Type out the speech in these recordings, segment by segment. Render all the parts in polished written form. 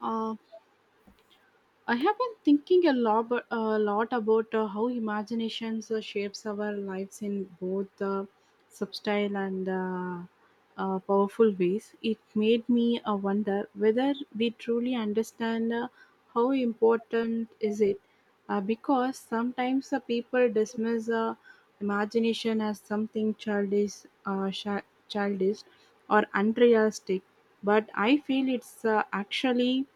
Uh, I have been thinking a lot, a lot about how imaginations shapes our lives in both subtle and powerful ways. It made me wonder whether we truly understand how important is it, because sometimes people dismiss imagination as something childish, childish, or unrealistic. But I feel it's actually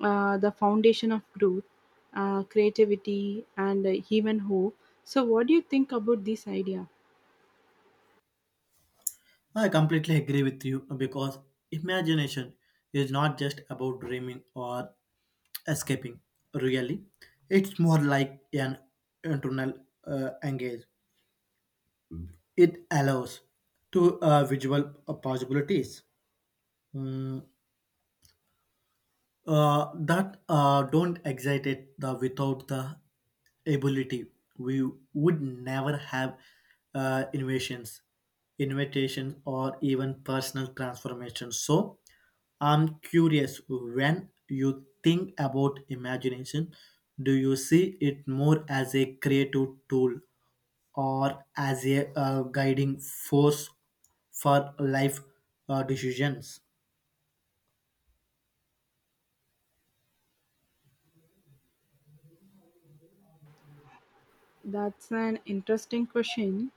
the foundation of growth, creativity, and even hope. So, what do you think about this idea? I completely agree with you because imagination is not just about dreaming or escaping, really. It's more like an internal engage. It allows to visual possibilities. Mm, that don't excite it the without the ability we would never have innovations invitations or even personal transformations. So I'm curious, when you think about imagination, do you see it more as a creative tool or as a guiding force for life decisions? That's an interesting question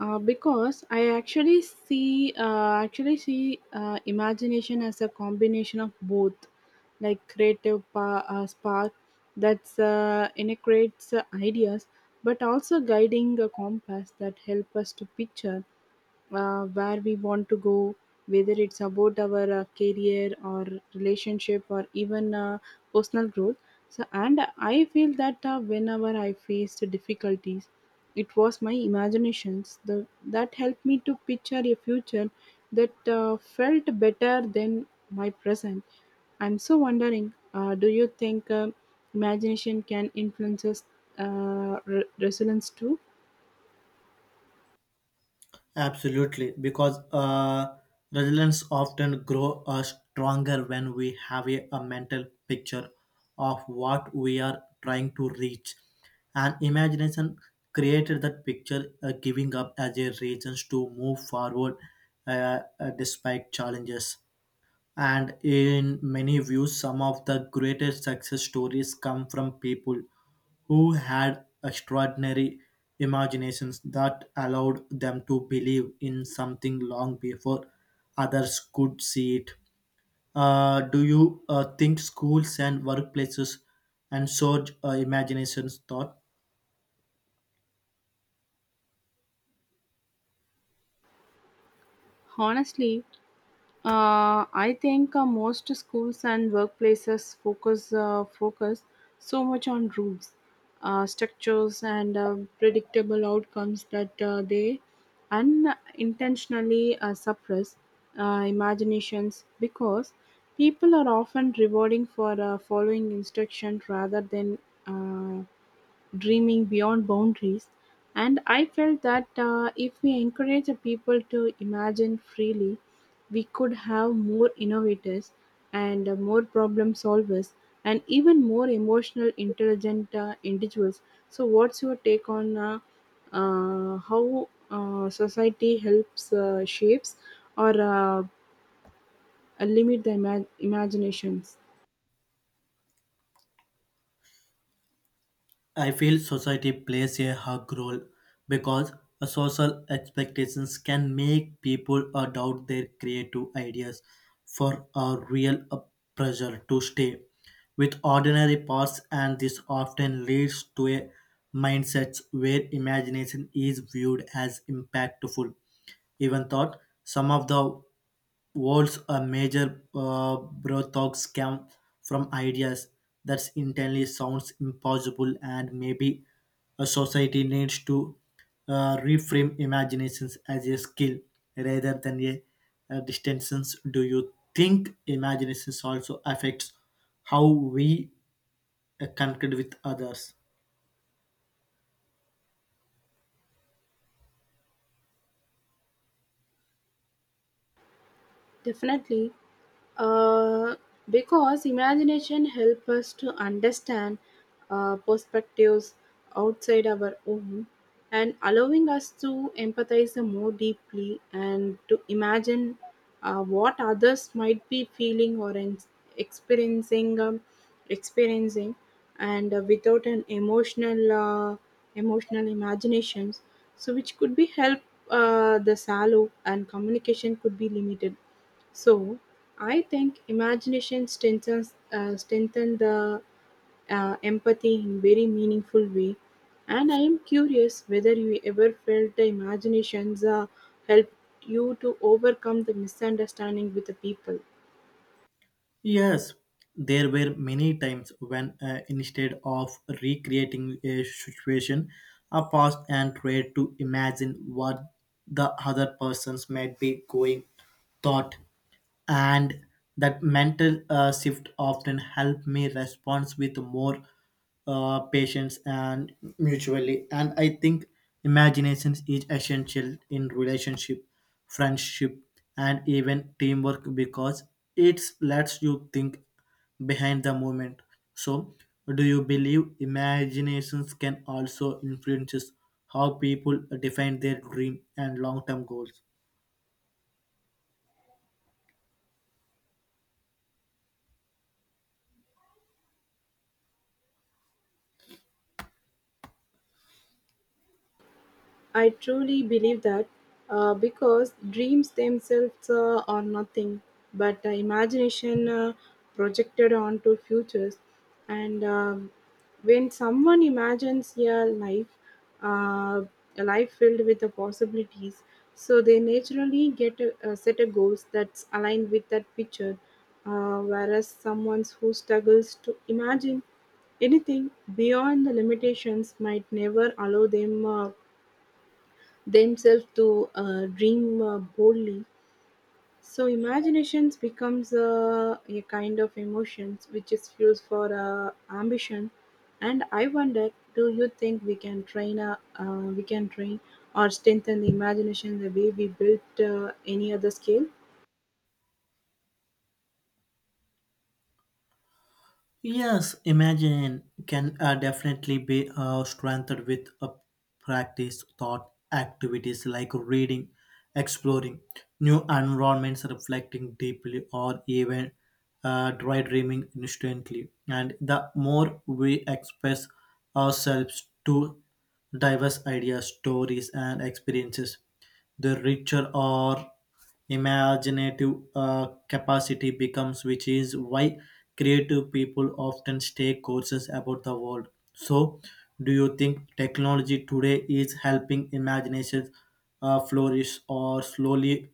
because I actually see imagination as a combination of both, like spark that's integrates ideas, but also guiding a compass that help us to picture where we want to go, whether it's about our career or relationship or even personal growth. So, and I feel that whenever I faced difficulties, it was my imaginations that helped me to picture a future that felt better than my present. I'm so wondering, do you think imagination can influence us, resilience too? Absolutely, because resilience often grow stronger when we have a mental picture of what we are trying to reach. And imagination created that picture, giving up as a reason to move forward, despite challenges. And in many views, some of the greatest success stories come from people who had extraordinary imaginations that allowed them to believe in something long before others could see it. Do you think schools and workplaces and so imaginations thought? Honestly, I think most schools and workplaces focus so much on rules, structures, and predictable outcomes that they unintentionally suppress imaginations because people are often rewarding for following instruction rather than uh, dreaming beyond boundaries. And I felt that if we encourage the people to imagine freely, we could have more innovators and more problem solvers and even more emotional intelligent individuals. So what's your take on how society helps shapes or limit the imaginations? I feel society plays a hug role because a social expectations can make people doubt their creative ideas for a real pressure to stay with ordinary parts, and this often leads to a mindset where imagination is viewed as impactful even thought some of the words a major brothels come from ideas that internally sounds impossible. And maybe a society needs to reframe imaginations as a skill rather than a distinctions. Do you think imaginations also affects how we connect with others? Definitely, uh, because imagination helps us to understand perspectives outside our own and allowing us to empathize more deeply and to imagine what others might be feeling or experiencing experiencing and without an emotional imaginations so which could be help the sallow and communication could be limited. So, I think imagination strengthen the empathy in very meaningful way. And I am curious whether you ever felt the imaginations helped you to overcome the misunderstanding with the people. Yes, there were many times when, instead of recreating a situation, I paused and tried to imagine what the other persons might be going thought, and that mental shift often helped me respond with more patience and mutually. And I think imagination is essential in relationship, friendship, and even teamwork, because it lets you think behind the moment. So do you believe imaginations can also influences how people define their dream and long-term goals? I truly believe that because dreams themselves are nothing but imagination projected onto futures. And when someone imagines uh, a life filled with the possibilities, so they naturally get a set of goals that's aligned with that picture. Whereas someone who struggles to imagine anything beyond the limitations might never allow them. Themselves to dream boldly. So imaginations becomes a kind of emotions which is fuels for ambition. And I wonder, do you think we can train or strengthen the imagination the way we built any other skill? Yes, imagine can definitely be strengthened with a practice thought activities like reading, exploring new environments, reflecting deeply, or even dry dreaming instantly. And the more we express ourselves to diverse ideas, stories, and experiences, the richer are imaginative capacity becomes, which is why creative people often take courses about the world. So, do you think technology today is helping imagination flourish or slowly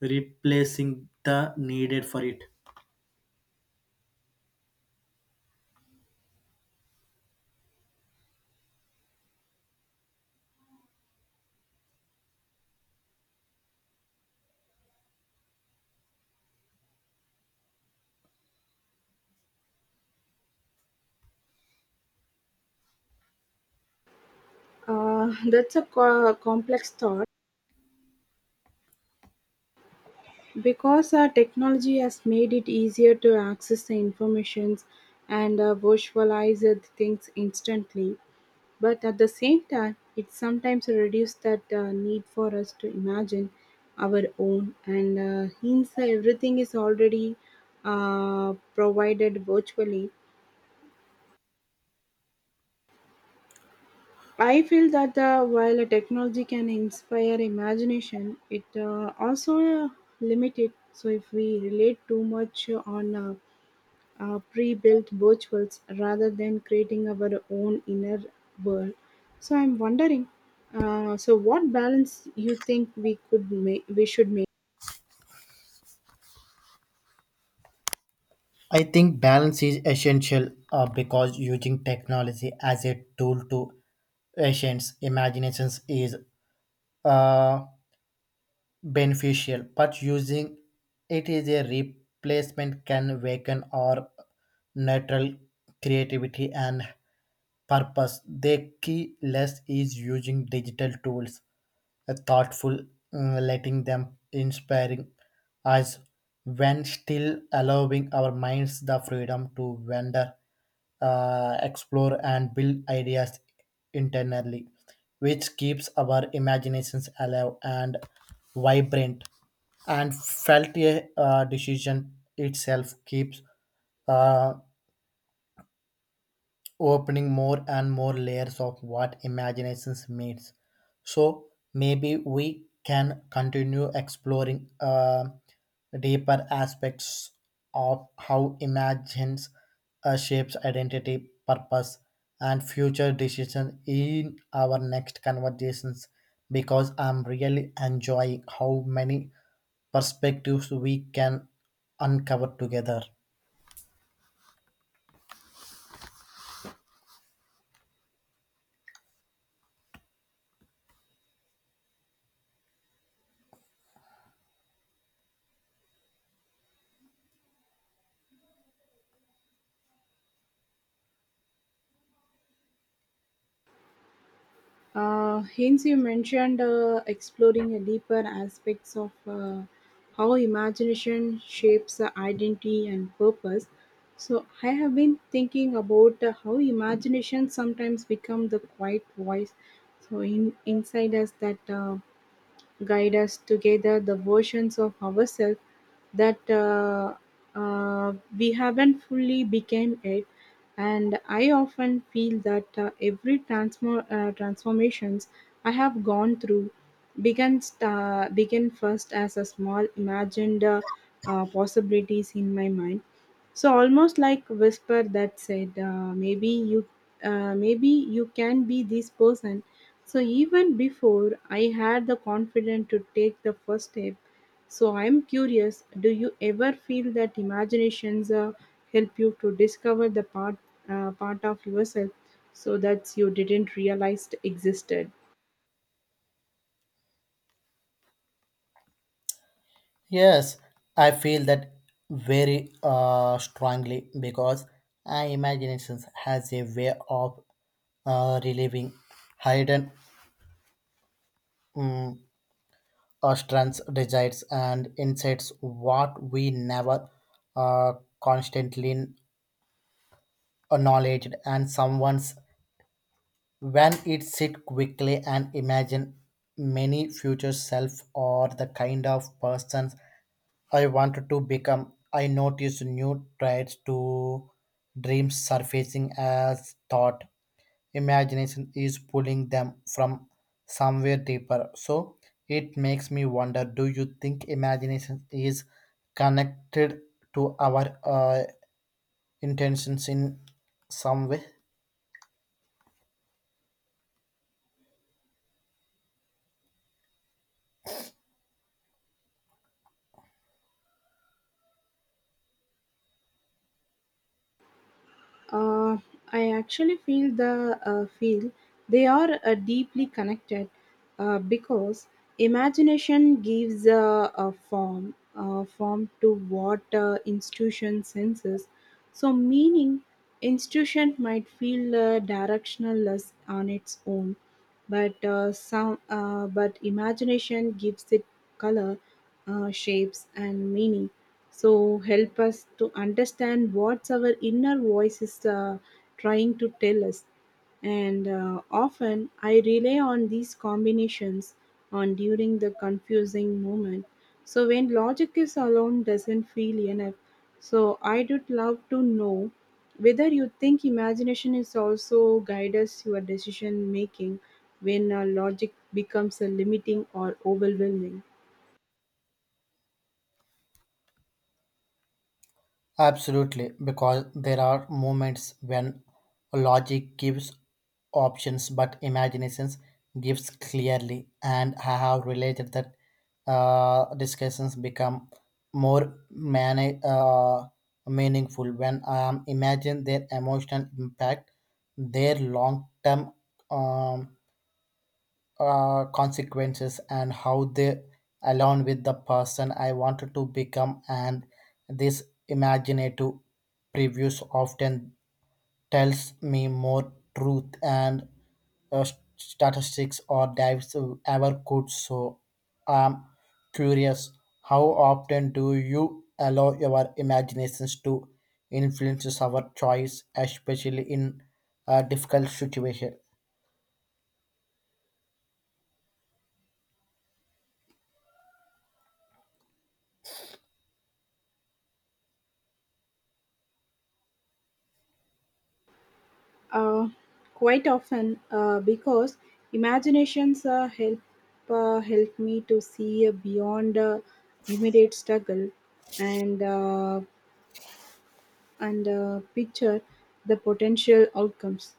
replacing the needed for it? That's a complex thought because technology has made it easier to access the informations and visualize the things instantly. But at the same time, it sometimes reduces that need for us to imagine our own. And hence, everything is already provided virtually. I feel that while a technology can inspire imagination, it also limit it. So if we relate too much on pre-built virtuals rather than creating our own inner world. So I'm wondering, so what balance you think we should make. I think balance is essential, because using technology as a tool to patients' imaginations is uh, beneficial, but using it is a replacement can weaken or neutral creativity and purpose. The key less is using digital tools, a thoughtful, letting them inspiring us when still allowing our minds the freedom to wander, explore and build ideas internally, which keeps our imaginations alive and vibrant. And felt a decision itself keeps uh, opening more and more layers of what imaginations means. So maybe we can continue exploring deeper aspects of how imagines shapes identity, purpose, and future decisions in our next conversations, because I'm really enjoying how many perspectives we can uncover together. Uh, hence you mentioned exploring a deeper aspects of how imagination shapes identity and purpose. So I have been thinking about how imagination sometimes become the quiet voice so in inside us that guide us together the versions of ourselves that we haven't fully became it. And I often feel that every transformations I have gone through began first as a small imagined possibilities in my mind, so almost like whisper that said maybe you can be this person so even before I had the confidence to take the first step. So I'm curious, do you ever feel that imaginations help you to discover the part of yourself so that you didn't realize existed? Yes, I feel that very strongly, because our imagination has a way of relieving hidden um, strengths, desires, and insights what we never uh, constantly acknowledged. And someone's when it sit quickly and imagine many future self or the kind of persons I wanted to become, I noticed new traits to dreams surfacing as thought. Imagination is pulling them from somewhere deeper. So it makes me wonder, do you think imagination is connected to our intentions in some way? Uh, I actually feel the feel they are deeply connected because imagination gives a, a form to what institution senses. So meaning institution might feel directionless on its own, but sound but imagination gives it color shapes and meaning so help us to understand what our inner voice is trying to tell us. And often I rely on these combinations on during the confusing moment, so when logic is alone doesn't feel enough. So I'd love to know whether you think imagination is also guides your decision making when logic becomes limiting or overwhelming. Absolutely, because there are moments when logic gives options but imaginations gives clearly, and I have related that discussions become more man- uh, meaningful when I am imagine their emotional impact, their long term, um, consequences, and how they align with the person I wanted to become. And this imaginative previews often tells me more truth and uh, statistics or dives ever could. So I'm curious, how often do you allow your imaginations to influence our choice, especially in a difficult situation? Uh, quite often, because imaginations help me to see beyond immediate struggle and. Uh, and picture the potential outcomes.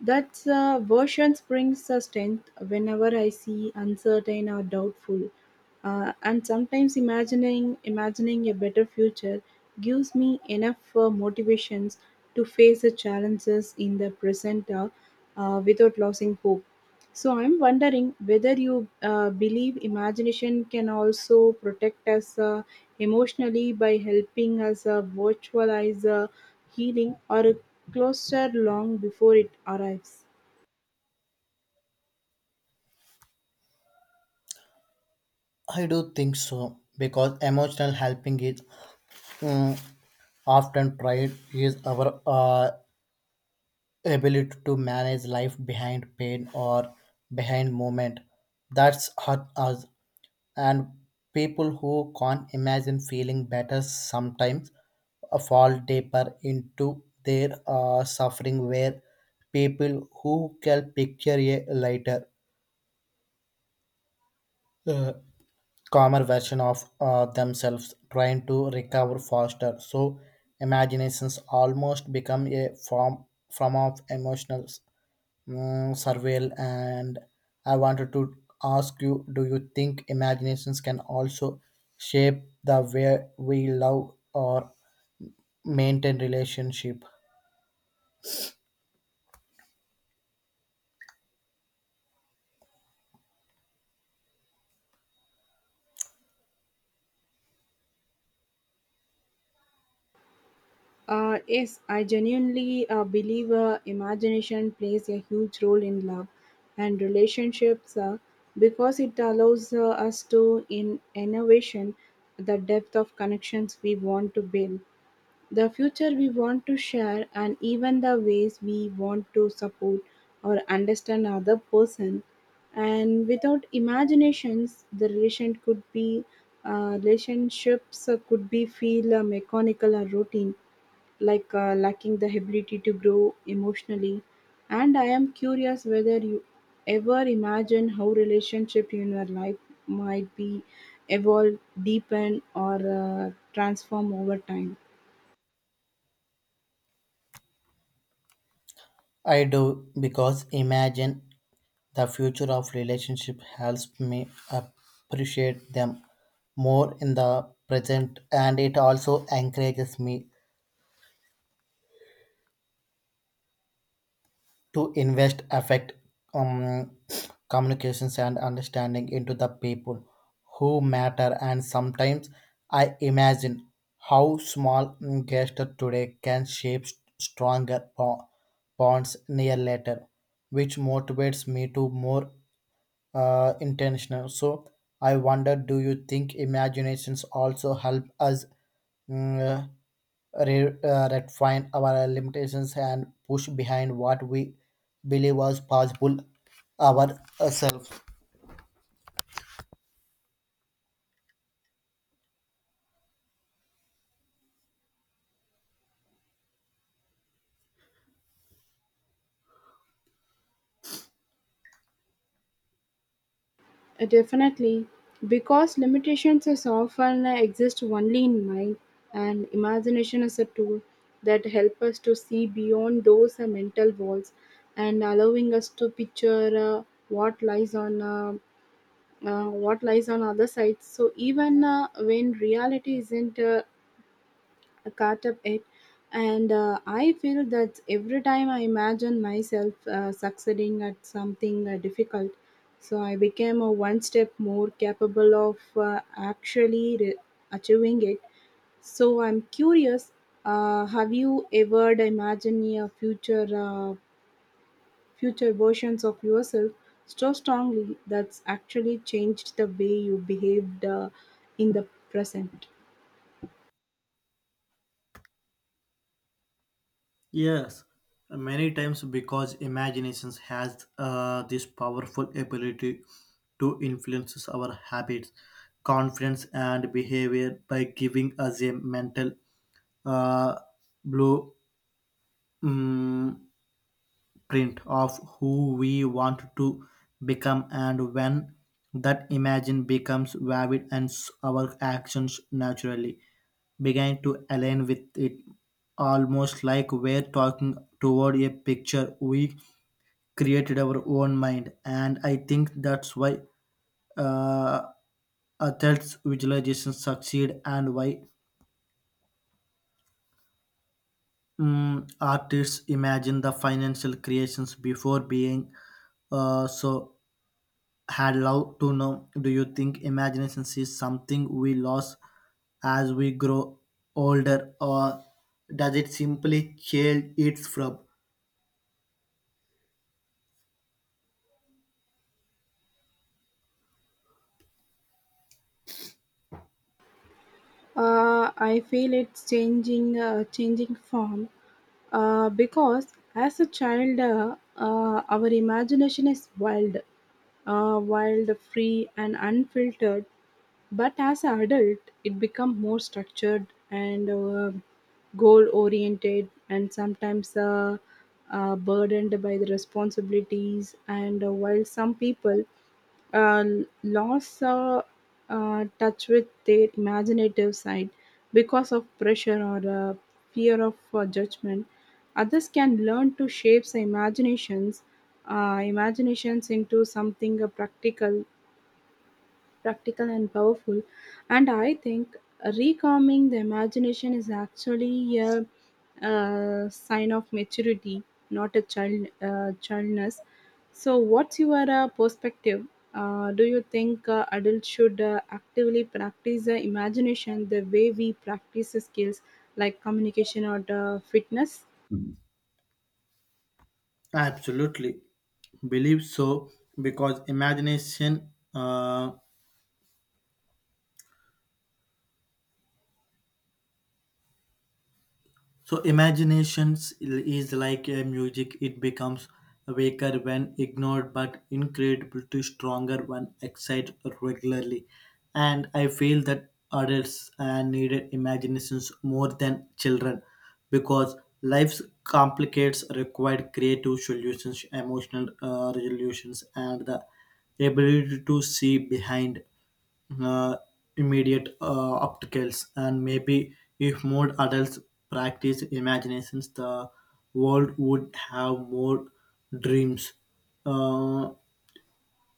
That version brings a strength whenever I see uncertain or doubtful. And sometimes imagining a better future gives me enough motivations to face the challenges in the present without losing hope. So I'm wondering whether you believe imagination can also protect us emotionally by helping us virtualize healing or a closer long before it arrives. I do think so, because emotional helping is, mm, often pride is our ability to manage life behind pain or behind moment that's hurt us. And people who can't imagine feeling better sometimes fall deeper into their suffering, where people who can picture it later, Uh, calmer version of themselves trying to recover faster. So imaginations almost become a form of emotional, surveil. And I wanted to ask you, do you think imaginations can also shape the way we love or maintain relationship? Yes, I genuinely believe imagination plays a huge role in love and relationships because it allows us to in innovation the depth of connections we want to build, the future we want to share, and even the ways we want to support or understand other person. And without imaginations the relationships could be feel mechanical or routine, like lacking the ability to grow emotionally. And I am curious whether you ever imagine how relationship in your life might be evolve deepen or transform over time. I do, because imagine the future of relationship helps me appreciate them more in the present, and it also encourages me to invest affect, um, communications, and understanding into the people who matter. And sometimes I imagine how small gesture today can shape stronger bonds near later, which motivates me to more intentional. So I wonder, do you think imaginations also help us, mm, refine our limitations and push behind what we believe was possible ourselves? Definitely, because limitations is often exist only in mind, and imagination is a tool that help us to see beyond those mental walls, and allowing us to picture what lies on uh, what lies on other sides. So even when reality isn't caught up it, and I feel that every time I imagine myself succeeding at something difficult, so I became a one step more capable of actually achieving it. So I'm curious. Uh, have you ever imagined a future versions of yourself so strongly that's actually changed the way you behaved in the present? Yes, many times, because imaginations has this powerful ability to influence our habits, confidence, and behavior by giving us a mental uh, blue mm, print of who we want to become. And when that imagine becomes vivid and our actions naturally begin to align with it, almost like we're talking toward a picture we created our own mind. And I think that's why, uh, athletes visualizations succeed, and why, artists imagine the financial creations before being, so had love to know. Do you think imagination is something we lost as we grow older, or does it simply chill it from? Uh, I feel it's changing form. Because as a child, our imagination is wild, free, and unfiltered. But as an adult, it becomes more structured and goal oriented, and sometimes burdened by the responsibilities. And while some people uh, lost touch with their imaginative side because of pressure or fear of judgment. Others can learn to shape their imaginations, into something practical and powerful. And I think recalming the imagination is actually a sign of maturity, not a childness. So, what's your perspective? Do you think adults should actively practice the imagination the way we practice the skills like communication or the fitness? Absolutely, believe so, because imagination. So imaginations is like a music; it becomes weaker when ignored, but incredibly stronger when excited regularly. And I feel that adults needed imaginations more than children, because life's complicates required creative solutions, emotional resolutions, and the ability to see behind uh, immediate obstacles. And maybe if more adults practice imaginations, the world would have more dreams, uh,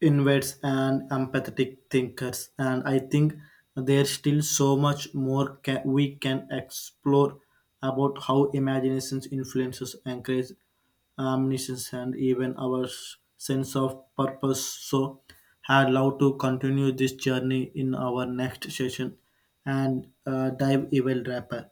inverts, and empathetic thinkers. And I think there's still so much more we can explore about how imaginations influences encourage omniscience and even our sense of purpose. So I'd love to continue this journey in our next session and dive even deeper.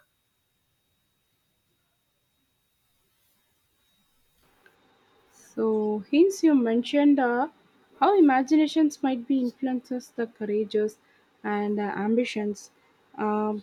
So, hence you mentioned how imaginations might be influences the courageous and Um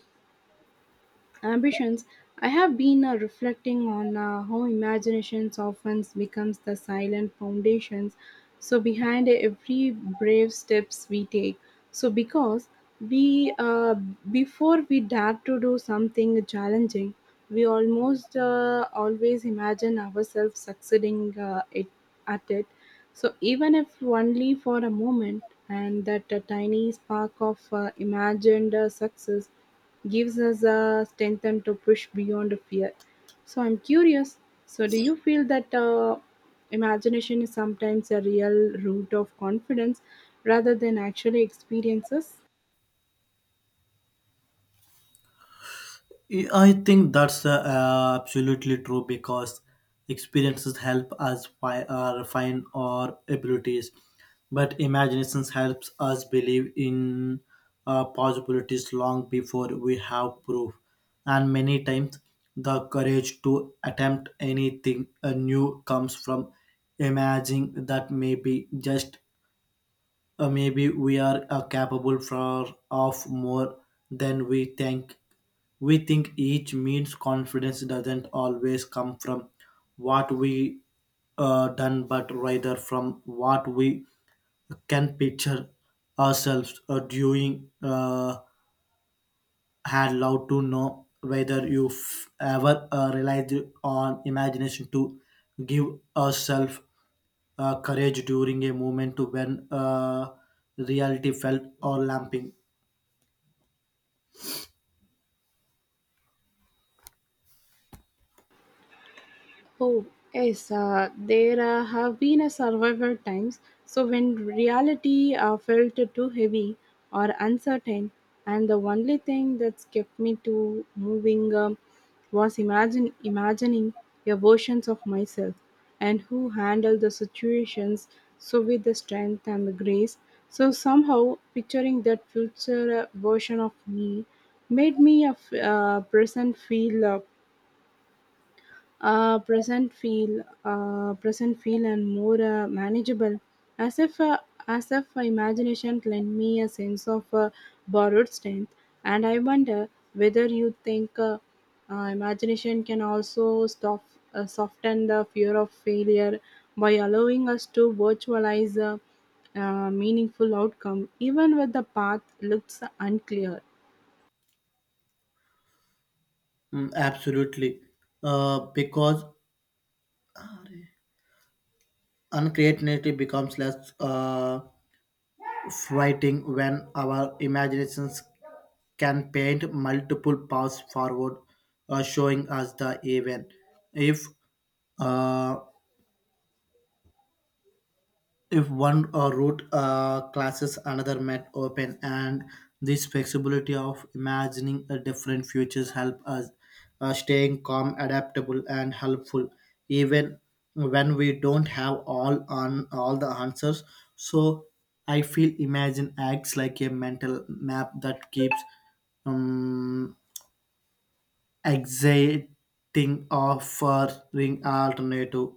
ambitions. I have been reflecting on how imagination often becomes the silent foundations so behind every brave steps we take. So because we before we dare to do something challenging, we almost always imagine ourselves succeeding at it. So even if only for a moment, and that tiny spark of imagined success gives us a strength and to push beyond fear. So I'm curious, so do you feel that imagination is sometimes a real root of confidence rather than actually experiences? I think that's absolutely true, because experiences help us refine our abilities, but imaginations helps us believe in possibilities long before we have proof. And many times, the courage to attempt anything new comes from imagining that maybe just maybe we are capable for, of more than we think. We think each means confidence doesn't always come from what we done, but rather from what we can picture ourselves doing. Had loved to know whether you've ever relied on imagination to give yourself courage during a moment to when reality felt or lamping. Oh, yes, there have been a survival times. So when reality felt too heavy or uncertain, and the only thing that's kept me to moving was imagine imagining the versions of myself and who handled the situations so with the strength and the grace. So somehow picturing that future version of me made me a f- present feel. Present feel present feel and more manageable as if uh, as if imagination lent me a sense of borrowed strength. And I wonder whether you think imagination can also soften the fear of failure by allowing us to virtualize a, meaningful outcome even when the path looks unclear. Absolutely. Because uncreativity becomes less frightening when our imaginations can paint multiple paths forward, showing us the event. If uh, if one route classes another met open, and this flexibility of imagining a different futures help us staying calm, adaptable, and helpful, even when we don't have all the answers. So I feel imagine acts like a mental map that keeps, um, exciting, offering alternative,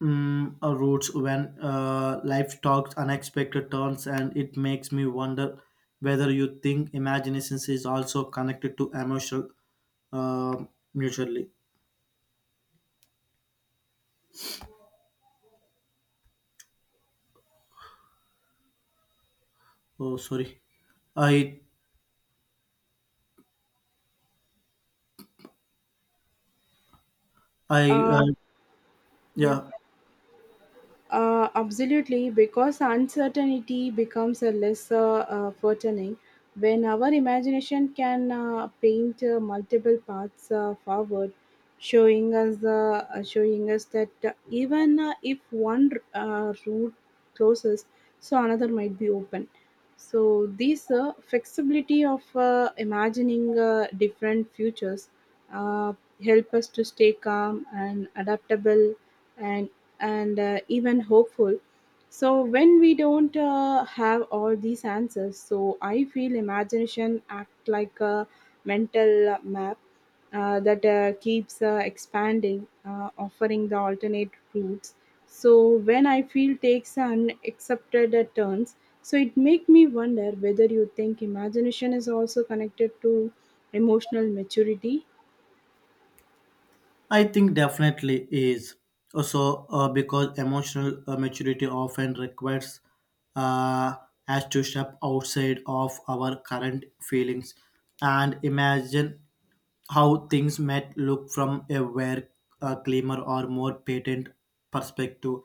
roots when life talks unexpected turns. And it makes me wonder whether you think imagination is also connected to emotional uh, mutually. Oh, sorry. I i uh, uh, yeah yeah. Absolutely, because uncertainty becomes a less threatening when our imagination can paint multiple paths forward, showing us that even if one route closes, so another might be open. So this flexibility of imagining different futures uh, help us to stay calm and adaptable and and even hopeful. So when we don't have all these answers, so I feel imagination act like a mental map that keeps expanding, offering the alternate routes. So when I feel takes unaccepted turns, so it make me wonder whether you think imagination is also connected to emotional maturity. I think definitely is also, because emotional maturity often requires uh, us to step outside of our current feelings and imagine how things might look from a where a cleaner or more patent perspective.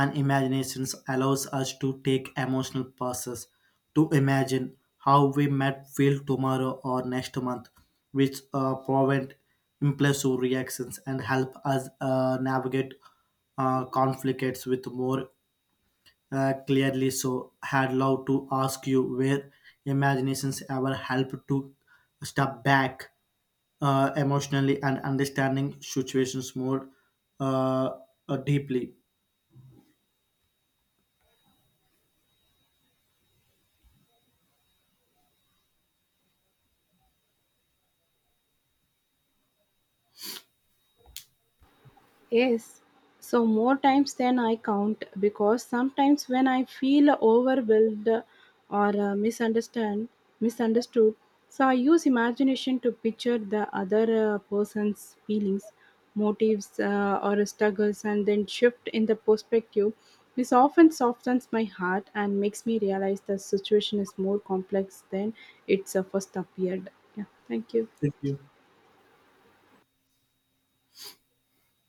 And imaginations allows us to take emotional pauses to imagine how we might feel tomorrow or next month, which prevent impulsive reactions and help us navigate conflicts with more clearly. So had love to ask you where imaginations ever help to step back emotionally and understanding situations more uh, deeply. Yes, so more times than I count because sometimes when I feel overwhelmed or misunderstood, so I use imagination to picture the other person's feelings, motives, or struggles, and then shift in the perspective. This often softens my heart and makes me realize the situation is more complex than it's first appeared. Yeah, thank you. Thank you.